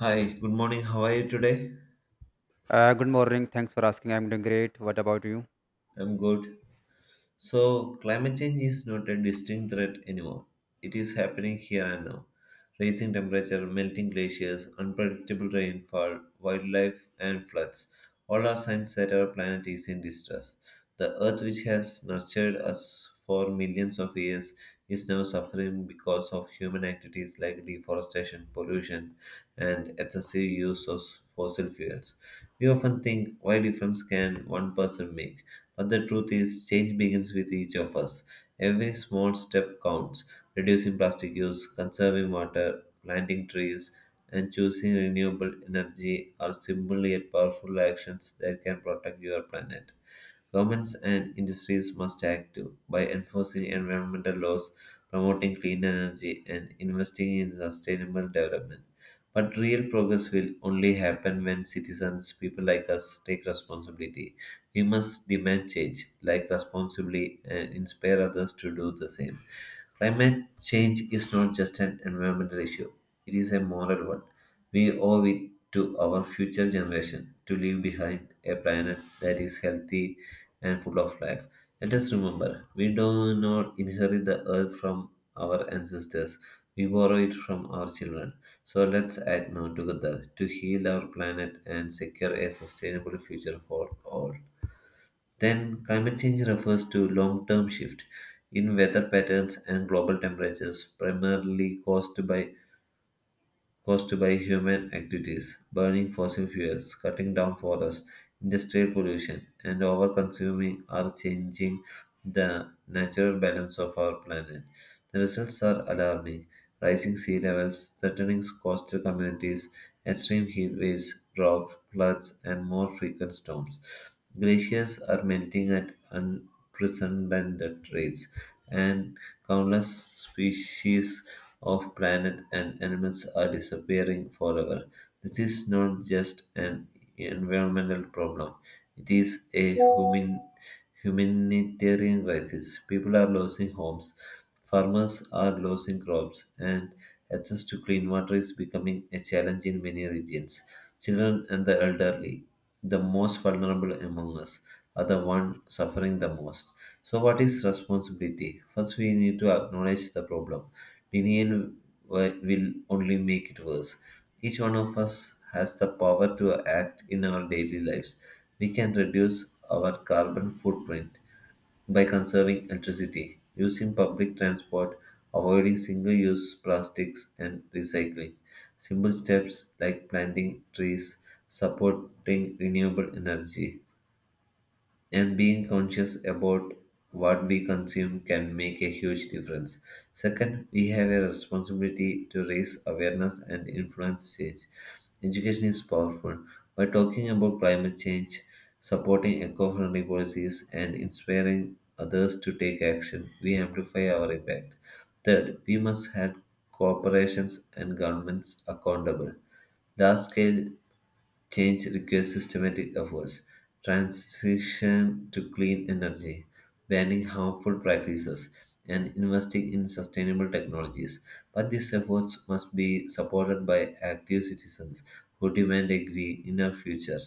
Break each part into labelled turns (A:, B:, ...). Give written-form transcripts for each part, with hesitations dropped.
A: Hi, good morning. How are you today?
B: Good morning. Thanks for asking. I'm doing great. What about you?
A: I'm good. So, climate change is not a distinct threat anymore. It is happening here and now. Rising temperature, melting glaciers, unpredictable rainfall, wildlife, and floods all are signs that our planet is in distress. The Earth, which has nurtured us for millions of years, is now suffering because of human activities like deforestation, pollution, and excessive use of fossil fuels. We often think, why difference can one person make? But the truth is, change begins with each of us. Every small step counts reducing plastic use, conserving water, planting trees, and choosing renewable energy are simple yet powerful actions that can protect your planet. Governments and industries must act too by enforcing environmental laws, promoting clean energy, and investing in sustainable development. But real progress will only happen when citizens, people like us, take responsibility. We must demand change, like responsibly, and inspire others to do the same. Climate change is not just an environmental issue, it is a moral one. We owe it to our future generation to leave behind a planet that is healthy and full of life. Let us remember, we do not inherit the earth from our ancestors, we borrow it from our children. So let's act now together to heal our planet and secure a sustainable future for all. Then, climate change refers to long term shift in weather patterns and global temperatures, primarily caused by human activities, burning fossil fuels, cutting down forests, industrial pollution, and over consuming are changing the natural balance of our planet. The results are alarming rising sea levels, threatening coastal communities, extreme heat waves, drought, floods, and more frequent storms. Glaciers are melting at unprecedented rates, and countless species of plant and animals are disappearing forever. This is not just an environmental problem, it is a human, humanitarian crisis. People are losing homes, farmers are losing crops, and access to clean water is becoming a challenge in many regions. Children and the elderly the most vulnerable among us are the one suffering the most. So, what is responsibility? First, we need to acknowledge the problem. Denial will only make it worse. Each one of us has the power to act in our daily lives. We can reduce our carbon footprint by conserving electricity, using public transport, avoiding single use plastics, and recycling. Simple steps like planting trees, supporting renewable energy, and being conscious about what we consume can make a huge difference. Second, we have a responsibility to raise awareness and influence change. Education is powerful. By talking about climate change, supporting eco friendly policies, and inspiring others to take action, we amplify our impact. Third, we must hold corporations and governments accountable. Large scale change requires systematic efforts, transition to clean energy, banning harmful practices, and investing in sustainable technologies. But these efforts must be supported by active citizens who demand a greener future.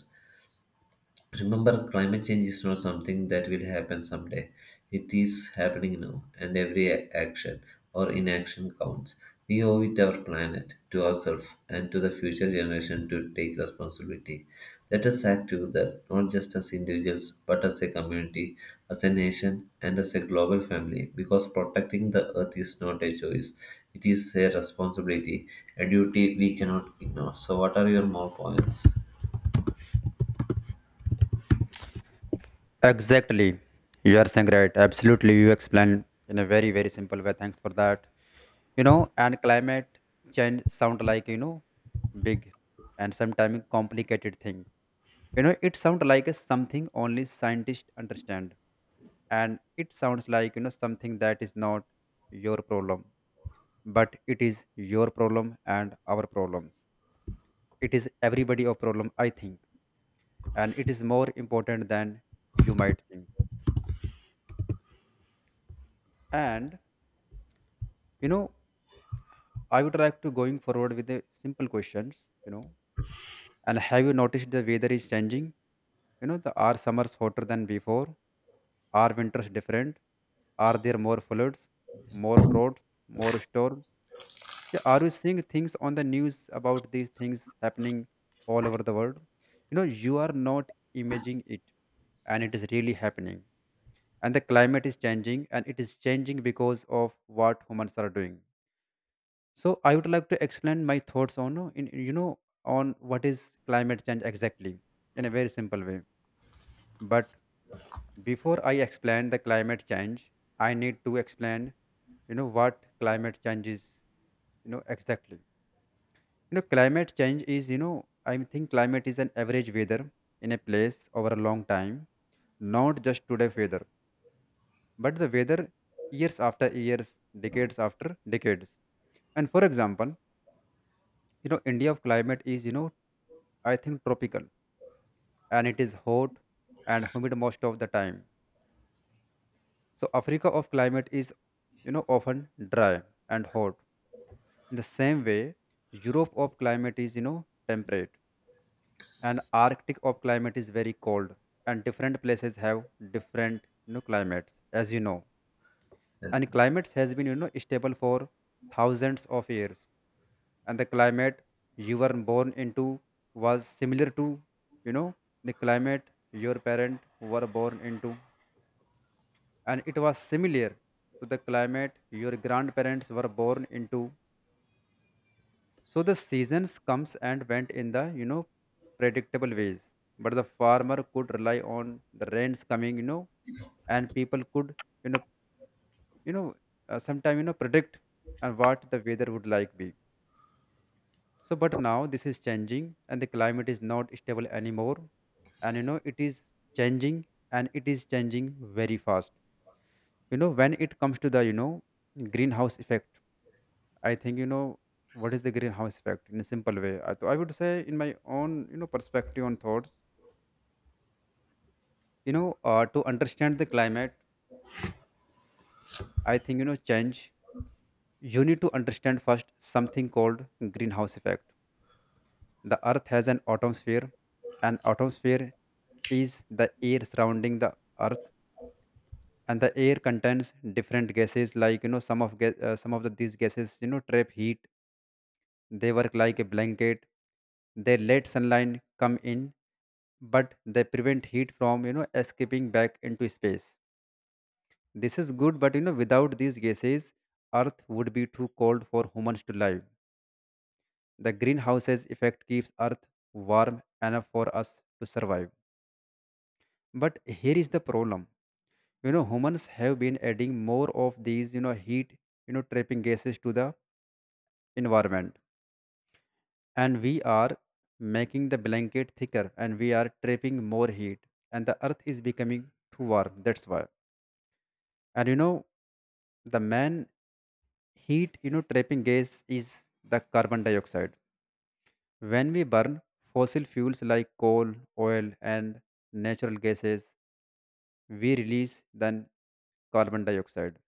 A: Remember, climate change is not something that will happen someday. It is happening now, and every action or inaction counts. We owe it our planet, to ourselves, and to the future generation to take responsibility. Let us act together, not just as individuals, but as a community, as a nation, and as a global family, because protecting the earth is not a choice. It is a responsibility, a duty we cannot ignore. So, what are your more points?
B: Exactly. You are saying right. Absolutely. You explained in a very, very simple way. Thanks for that. And climate change sound like big and sometimes complicated thing. It sounds like a something only scientists understand. And it sounds like something that is not your problem. But it is your problem and our problems. It is everybody' of problem, I think, and it is more important than you might think. And you know I would like to going forward with the simple questions. you know and have you noticed the weather is changing? The are summers hotter than before? Are winters different? Are there more floods, more droughts, more storms? Yeah, are you seeing things on the news about these things happening all over the world? You are not imagining it, and it is really happening. And the climate is changing, and it is changing because of what humans are doing. So I would like to explain my thoughts on in you know on what is climate change exactly, in a very simple way. But before I explain the climate change, I need to explain what climate change is, exactly. Climate change is, I think climate is an average weather in a place over a long time, not just today weather, but the weather years after years, decades after decades. And for example, India of climate is, i think tropical, and it is hot and humid most of the time. So Africa of climate is, often dry and hot. In the same way, Europe of climate is, temperate, and Arctic of climate is very cold, and different places have different, climates as you know. And
A: Yes.
B: climates has been, stable for thousands of years. And the climate you were born into was similar to you know the climate your parents were born into, and it was similar to the climate your grandparents were born into. So the seasons comes and went in the predictable ways, but the farmer could rely on the rains coming. And people could you know you know sometime predict and what the weather would like be. So, but now this is changing, and the climate is not stable anymore. And it is changing, and it is changing very fast. When it comes to the greenhouse effect, I think what is the greenhouse effect in a simple way. I would say, in my own perspective on thoughts, to understand the climate, I think change. You need to understand first something called greenhouse effect. The Earth has an atmosphere, and atmosphere is the air surrounding the Earth, and the air contains different gases. Some of these gases, trap heat. They work like a blanket. They let sunlight come in, but they prevent heat from escaping back into space. This is good, but without these gases, Earth would be too cold for humans to live. The greenhouse's effect keeps Earth warm enough for us to survive. But here is the problem. Humans have been adding more of these, heat, trapping gases to the environment. And we are making the blanket thicker, and we are trapping more heat. And the earth is becoming too warm. That's why. And the main heat, trapping gas is the carbon dioxide. When we burn fossil fuels like coal, oil, and natural gases, we release then carbon dioxide.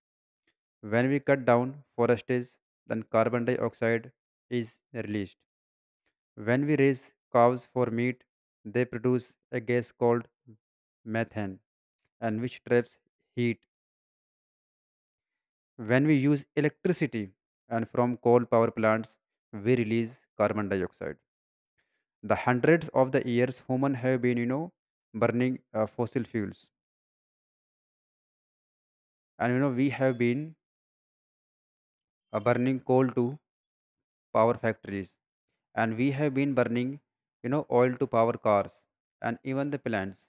B: When we cut down forests, then carbon dioxide is released. When we raise cows for meat, they produce a gas called methane, and which traps heat. When we use electricity and from coal power plants, we release carbon dioxide. The hundreds of the years human have been, burning fossil fuels, and we have been burning coal to power factories, and we have been burning oil to power cars and even the plants.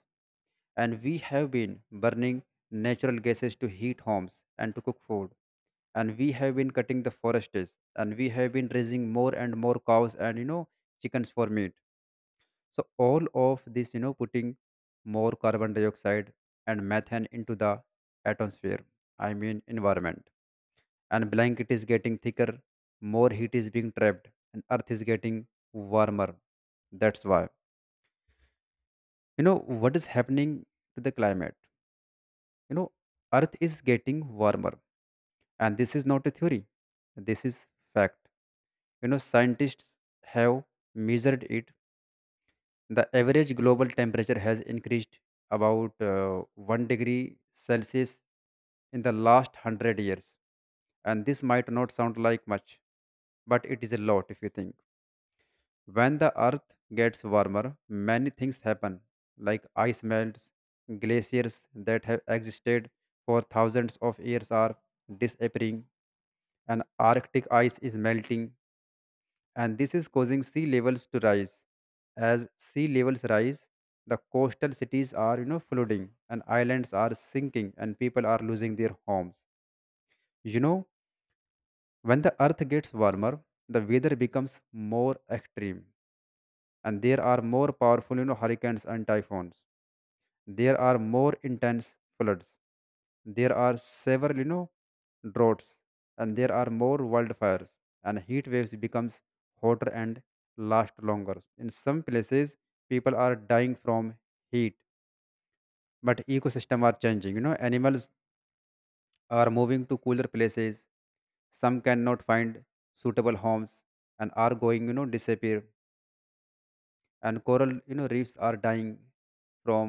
B: And we have been burning natural gases to heat homes and to cook food. And we have been cutting the forests, and we have been raising more and more cows and chickens for meat. So all of this putting more carbon dioxide and methane into the atmosphere, I mean environment. And blanket is getting thicker, more heat is being trapped, and earth is getting warmer. That's why. you know what is happening to the climate, you know earth is getting warmer. And this is not a theory, this is fact. Scientists have measured it. The average global temperature has increased about 1 degree Celsius in the last 100 years. And this might not sound like much, but it is a lot if you think. When the earth gets warmer, many things happen, like ice melts, glaciers that have existed for thousands of years are disappearing, and Arctic ice is melting, and this is causing sea levels to rise. As sea levels rise, the coastal cities are flooding, and islands are sinking, and people are losing their homes. You know, when the earth gets warmer, the weather becomes more extreme, and there are more powerful hurricanes and typhoons. There are more intense floods, there are several droughts, and there are more wildfires. And heat waves becomes hotter and last longer. In some places people are dying from heat. But ecosystem are changing. Animals are moving to cooler places, some cannot find suitable homes, and are going disappear. And coral reefs are dying from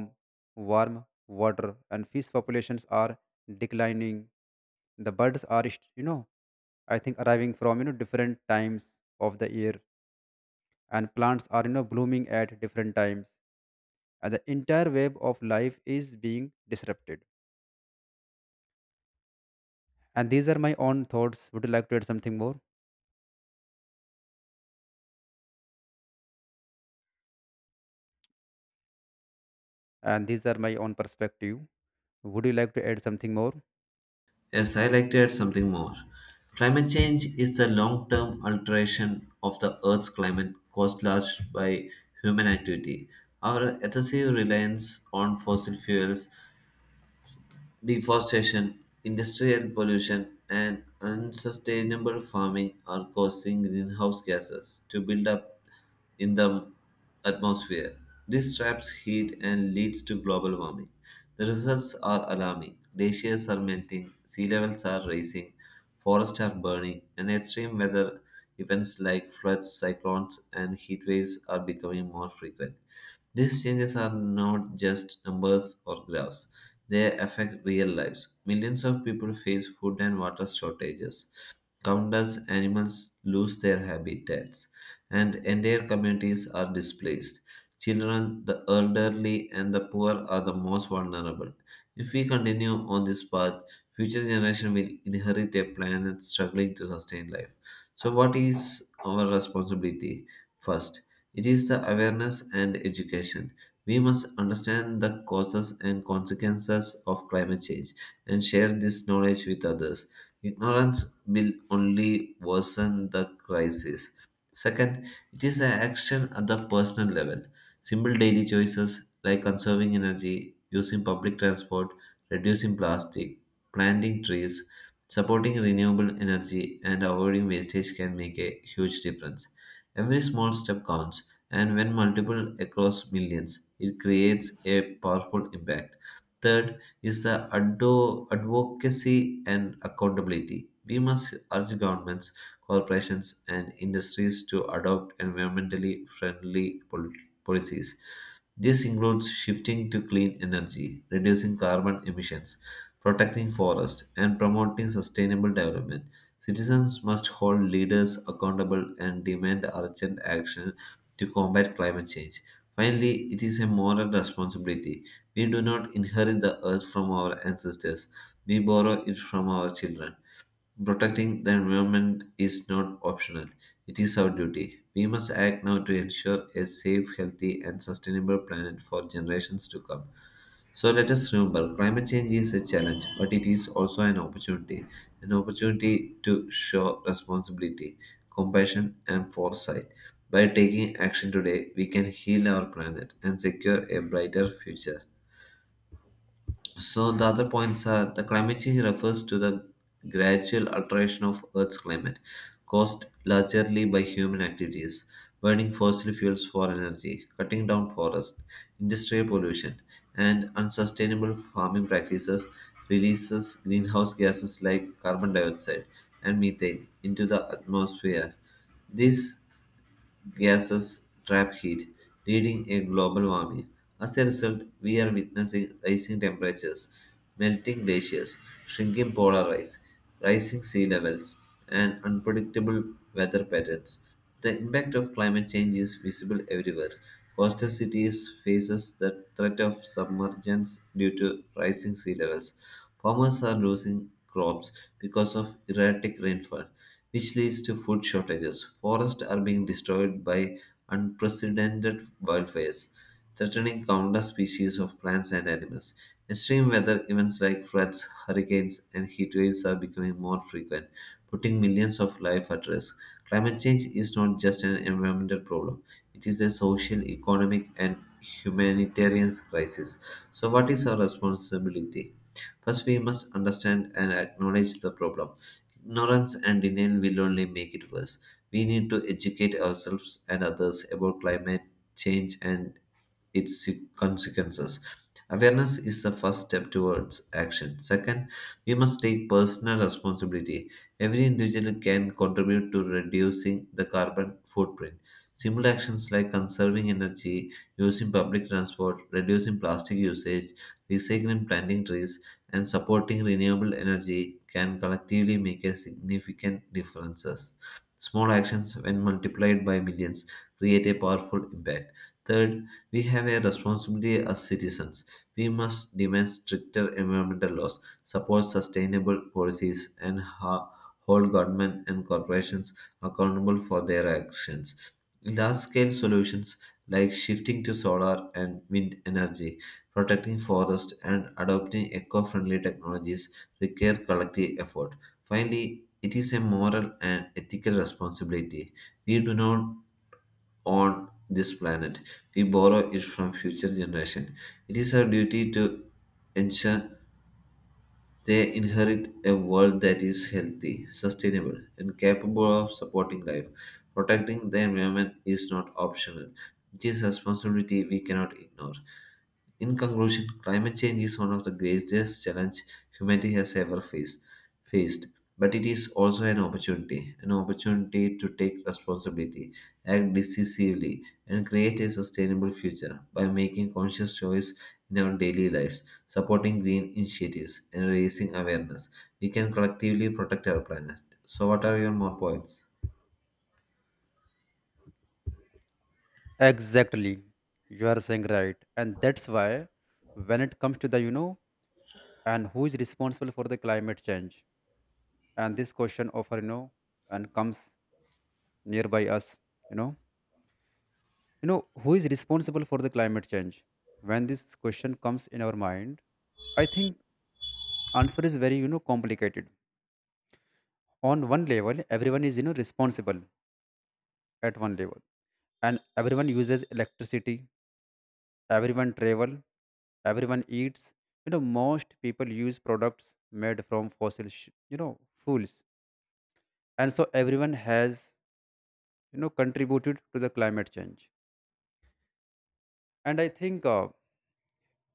B: warm water, and fish populations are declining. The birds are st- you know I think arriving from different times of the year, and plants are blooming at different times. And the entire web of life is being disrupted. And these are my own thoughts. Would you like to add something more? And these are my own perspective. Would you like to add something more?
A: Yes, I like to add something more. Climate change is the long term alteration of the Earth's climate caused largely by human activity. Our excessive reliance on fossil fuels, deforestation, industrial pollution, and unsustainable farming are causing greenhouse gases to build up in the atmosphere. This traps heat and leads to global warming. The results are alarming. Glaciers are melting, sea levels are rising, forests are burning, and extreme weather events like floods, cyclones, and heat waves are becoming more frequent. These changes are not just numbers or graphs, they affect real lives. Millions of people face food and water shortages countless animals lose their habitats, and entire communities are displaced. Children, the elderly, and the poor are the most vulnerable. If we continue on this path, future generations will inherit a planet struggling to sustain life. So, what is our responsibility? First, it is the awareness and education. We must understand the causes and consequences of climate change and share this knowledge with others. Ignorance bill only worsen the crisis. Second, it is an action at the personal level. Simple daily choices like conserving energy, using public transport, reducing plastic, planting trees, supporting renewable energy, and avoiding wastage can make a huge difference. Every small step counts, and when multiple across millions, it creates a powerful impact. Third, is the advocacy and accountability. We must urge governments, corporations, and industries to adopt environmentally friendly policies. This includes shifting to clean energy, reducing carbon emissions, protecting forests, and promoting sustainable development. Citizens must hold leaders accountable and demand urgent action to combat climate change. Finally, it is a moral responsibility. We do not inherit the earth from our ancestors, we borrow it from our children. Protecting the environment is not optional, it is our duty. We must act now to ensure a safe, healthy, and sustainable planet for generations to come. So let us remember climate change is a challenge, but it is also an opportunity to show responsibility, compassion, and foresight. By taking action today, we can heal our planet and secure a brighter future. So the other points are the climate change refers to the gradual alteration of Earth's climate, caused largely by human activities, burning fossil fuels for energy, cutting down forests, industrial pollution, and unsustainable farming practices releases greenhouse gases like carbon dioxide and methane into the atmosphere. These gases trap heat, leading a global warming. As a result, we are witnessing rising temperatures, melting glaciers, shrinking polar ice, rising sea levels, and unpredictable weather patterns. The impact of climate change is visible everywhere. Coastal cities faces the threat of submergence due to rising sea levels. Farmers are losing crops because of erratic rainfall which leads to food shortages. Forests are being destroyed by unprecedented wildfires, threatening countless species of plants and animals. Extreme weather events like floods, hurricanes, and heat waves are becoming more frequent, putting millions of lives at risk. Climate change is not just an environmental problem, it is a social, economic, and humanitarian crisis. So, what is our responsibility? First, we must understand and acknowledge the problem. Ignorance and denial will only make it worse. We need to educate ourselves and others about climate change and its consequences. Awareness is the first step towards action. Second, we must take personal responsibility. Every individual can contribute to reducing the carbon footprint. Simple actions like conserving energy, using public transport, reducing plastic usage, recycling planting trees, and supporting renewable energy can collectively make a significant differences. Small actions, when multiplied by millions, create a powerful impact. Third, we have a responsibility as citizens. We must demand stricter environmental laws, support sustainable policies, and hold government and corporations accountable for their actions. Large scale solutions like shifting to solar and wind energy, protecting forests, and adopting eco friendly technologies require collective effort. Finally, it is a moral and ethical responsibility. We do not on this planet. We borrow it from future generations. It is our duty to ensure they inherit a world that is healthy, sustainable, and capable of supporting life. Protecting the environment is not optional. It is a responsibility we cannot ignore. In conclusion, climate change is one of the greatest challenges humanity has ever faced, but it is also an opportunity to take responsibility, act decisively, and create a sustainable future by making conscious choice in our daily lives, supporting green initiatives, and raising awareness. We can collectively protect our planet. So, what are your more points?
B: Exactly. You are saying right. And that's why when it comes to the, and who is responsible for the climate change? And this question of, and comes nearby us, you know. Who is responsible for the climate change? When this question comes in our mind, I think answer is very, complicated. On one level, everyone is, responsible at one level. And everyone uses electricity. Everyone travel, everyone eats. Most people use products made from fossil, sh- you know, fuels, and so everyone has contributed to the climate change. And I think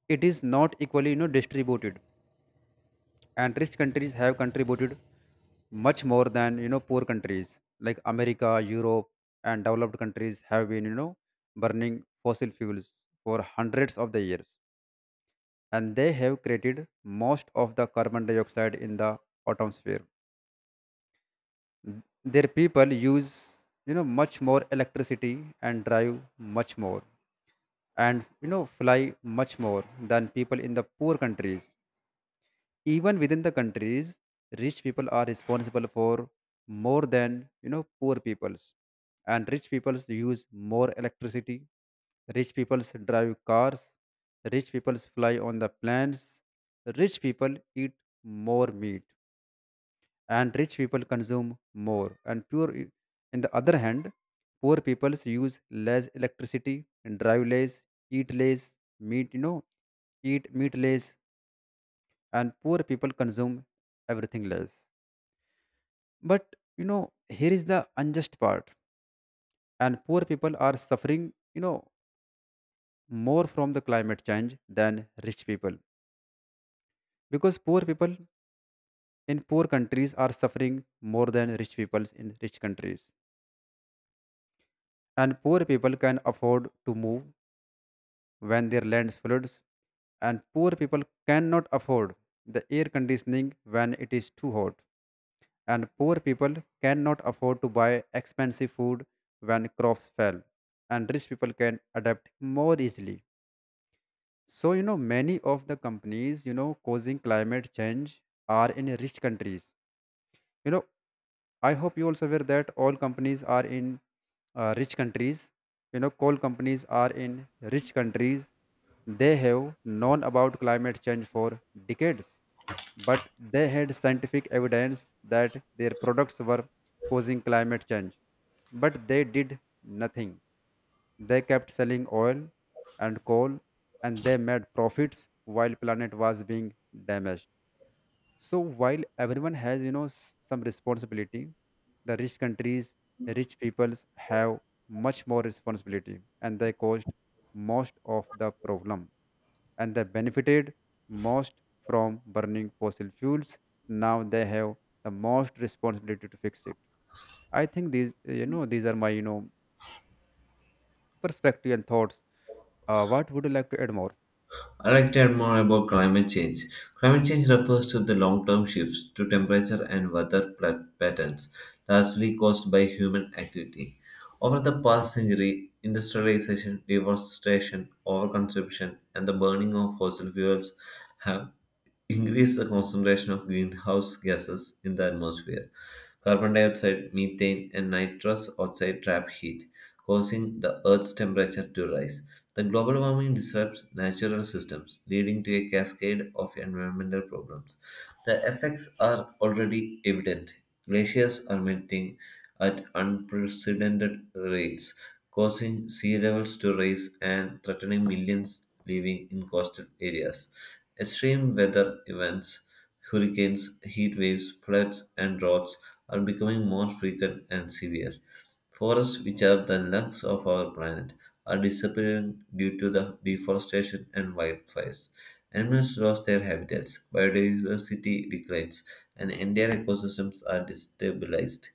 B: it is not equally distributed. And rich countries have contributed much more than poor countries like America, Europe, and developed countries have been burning fossil fuels for hundreds of the years, and they have created most of the carbon dioxide in the atmosphere. Their people use much more electricity, and drive much more, and fly much more than people in the poor countries. Even within the countries, rich people are responsible for more than poor peoples, and rich peoples use more electricity. Rich peoples drive cars. Rich peoples fly on the planes. Rich people eat more meat, and rich people consume more. And poor, in the other hand, poor peoples use less electricity, and drive less, eat less meat. Eat meat less, and poor people consume everything less. But here is the unjust part, and poor people are suffering, more from the climate change than rich people, because poor people in poor countries are suffering more than rich people in rich countries. And poor people can afford to move when their land floods, and poor people cannot afford the air conditioning when it is too hot, and poor people cannot afford to buy expensive food when crops fail, and rich people can adapt more easily. So many of the companies causing climate change are in rich countries, you know. I hope you also aware that all companies are in rich countries. Coal companies are in rich countries. They have known about climate change for decades, but they had scientific evidence that their products were causing climate change. But they did nothing. They kept selling oil and coal, and they made profits while planet was being damaged. So while everyone has, some responsibility, the rich countries, the rich peoples have much more responsibility and they caused most of the problem and they benefited most from burning fossil fuels. Now they have the most responsibility to fix it. I think these are my, perspective and thoughts. What would you like to add more?
A: I'd like to add more about climate change. Climate change refers to the long term shifts to temperature and weather patterns, largely caused by human activity. Over the past century, industrialization, deforestation, overconsumption, and the burning of fossil fuels have increased the concentration of greenhouse gases in the atmosphere. Carbon dioxide, methane, and nitrous oxide trap heat, causing the Earth's temperature to rise. The global warming disrupts natural systems, leading to a cascade of environmental problems. The effects are already evident. Glaciers are melting at unprecedented rates, causing sea levels to rise and threatening millions living in coastal areas. Extreme weather events hurricanes, heat waves, floods, and droughts are becoming more frequent and severe. Forests, which are the lungs of our planet, are disappearing due to the deforestation and wildfires. Animals lose their habitats, biodiversity declines, and entire ecosystems are destabilized.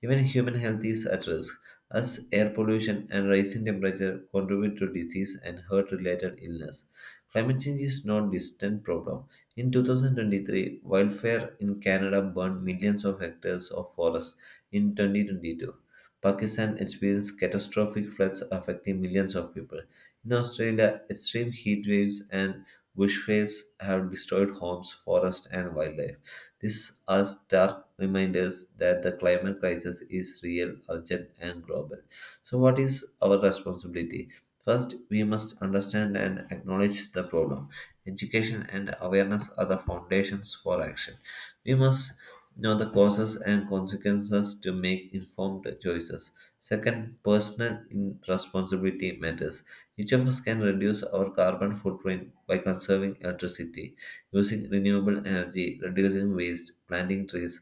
A: Even human health is at risk, as air pollution and rising temperature contribute to disease and heart related illness. Climate change is not distant problem. In 2023, wildfire in Canada burned millions of hectares of forest. In 2022, Pakistan experienced catastrophic floods affecting millions of people. In Australia, extreme heat waves and bushfires have destroyed homes, forests, and wildlife. These are stark reminders that the climate crisis is real, urgent, and global. So, what is our responsibility? First, we must understand and acknowledge the problem. Education and awareness are the foundations for action. We must know the causes and consequences to make informed choices. Second, personal responsibility matters. Each of us can reduce our carbon footprint by conserving electricity, using renewable energy, reducing waste, planting trees,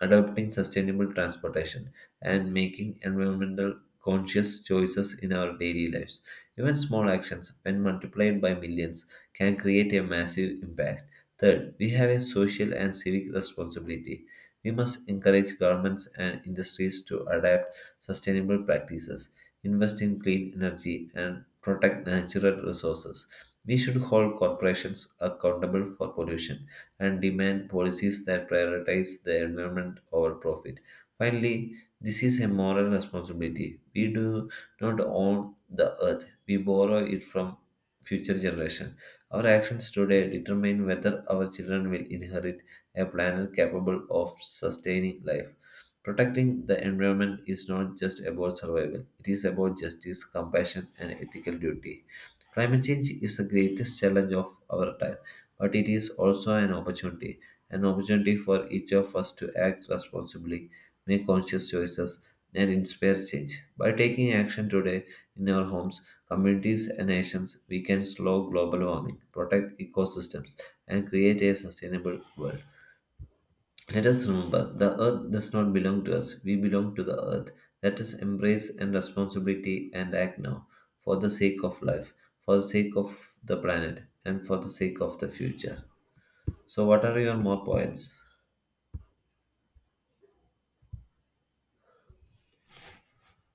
A: adopting sustainable transportation, and making environmental conscious choices in our daily lives. Even small actions, when multiplied by millions, can create a massive impact. Third, we have a social and civic responsibility. We must encourage governments and industries to adapt sustainable practices, invest in clean energy, and protect natural resources. We should hold corporations accountable for pollution and demand policies that prioritize the environment over profit. Finally, this is a moral responsibility. We do not own the earth, we borrow it from future generations. Our actions today determine whether our children will inherit a planet capable of sustaining life. Protecting the environment is not just about survival, it is about justice, compassion, and ethical duty. Climate change is the greatest challenge of our time, but it is also an opportunity for each of us to act responsibly, make conscious choices, and inspire change. By taking action today in our homes, communities, and nations, we can slow global warming, protect ecosystems, and create a sustainable world. Let us remember the earth does not belong to us, we belong to the earth. Let us embrace and responsibility and act now for the sake of life, for the sake of the planet, and for the sake of the future. So, what are your more points?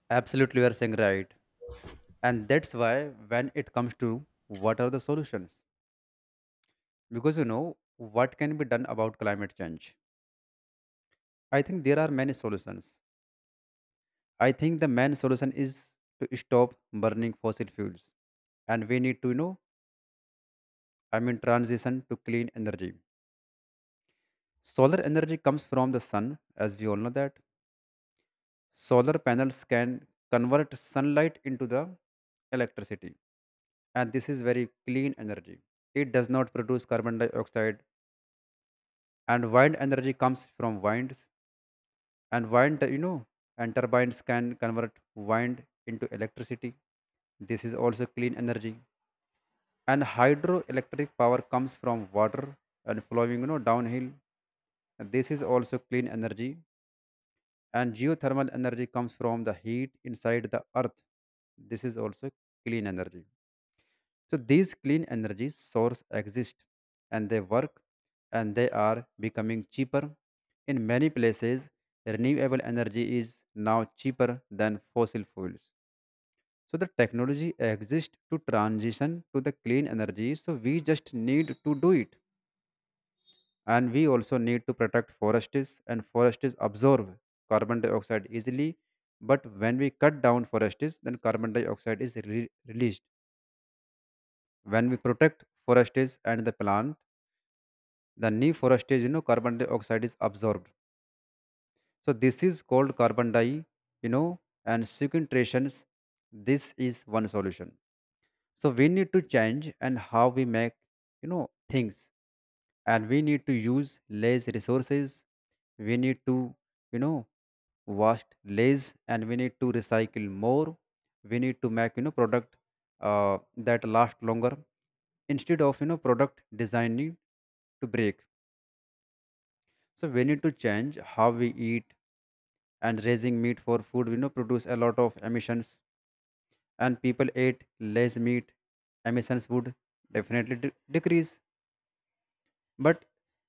B: Absolutely, you are saying right. And that's why when it comes to, what are the solutions? Because what can be done about climate change, I think there are many solutions. I think the main solution is to stop burning fossil fuels, and we need to transition to clean energy. Solar energy comes from the sun, as we all know that solar panels can convert sunlight into the electricity, and this is very clean energy. It does not produce carbon dioxide. And wind energy comes from winds, and wind you know and turbines can convert wind into electricity. This is also clean energy. And hydroelectric power comes from water and flowing, downhill, and this is also clean energy. And geothermal energy comes from the heat inside the earth. This is also clean energy. So these clean energy source exist, and they work, and they are becoming cheaper. In many places, renewable energy is now cheaper than fossil fuels. So the technology exists to transition to the clean energy. So we just need to do it. And we also need to protect forests, and forests absorb carbon dioxide easily. But when we cut down forests, then carbon dioxide is released. When we protect forests and the plant, the new forestage, carbon dioxide is absorbed. So this is called carbon die you know and sequestrations. This is one solution. So we need to change and how we make things, and we need to use less resources. We need to, you know wash less, and we need to recycle more. We need to make product that last longer, instead of product designing to break. So we need to change how we eat, and raising meat for food, produce a lot of emissions, and people ate less meat, emissions would definitely decrease. But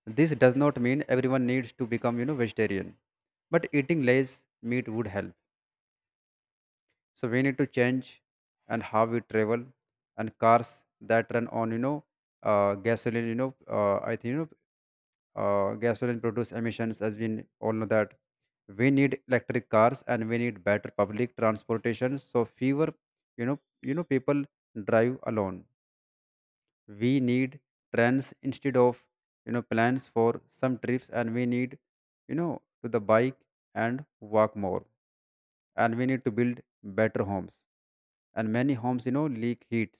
B: this does not mean everyone needs to become, vegetarian. But eating less meat would help. So we need to change and how we travel, and cars that run on, gasoline, you know, I think, you know, gasoline produce emissions, as all know that we need electric cars, and we need better public transportation, so fewer people drive alone. We need trains instead of plans for some trips, and we need to the bike and walk more. And we need to build better homes, and many homes leak heat,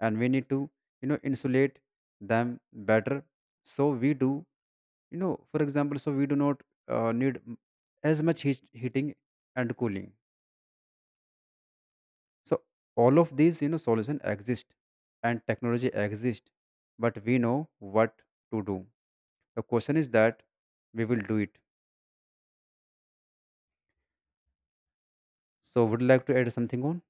B: and we need to insulate them better, so we do, for example, so we do not need as much heating and cooling. So all of these solution exist and technology exist, but we know what to do. The question is that we will do it. So would you like to add something on?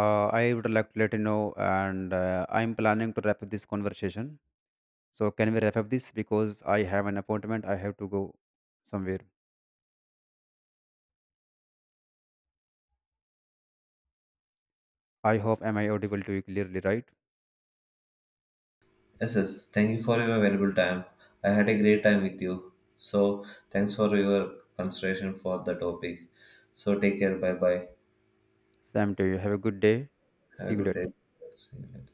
B: I would like to let you know, and I'm planning to wrap up this conversation. So can we wrap up this, because I have an appointment, I have to go somewhere. I hope, am I audible to you clearly, right?
A: Yes, yes, thank you for your valuable time. I had a great time with you. So, thanks for your consideration for the topic. So, take care. Bye bye.
B: Same to you, have a good day.
A: Have a
B: See you
A: good day.
B: later.
A: See you later.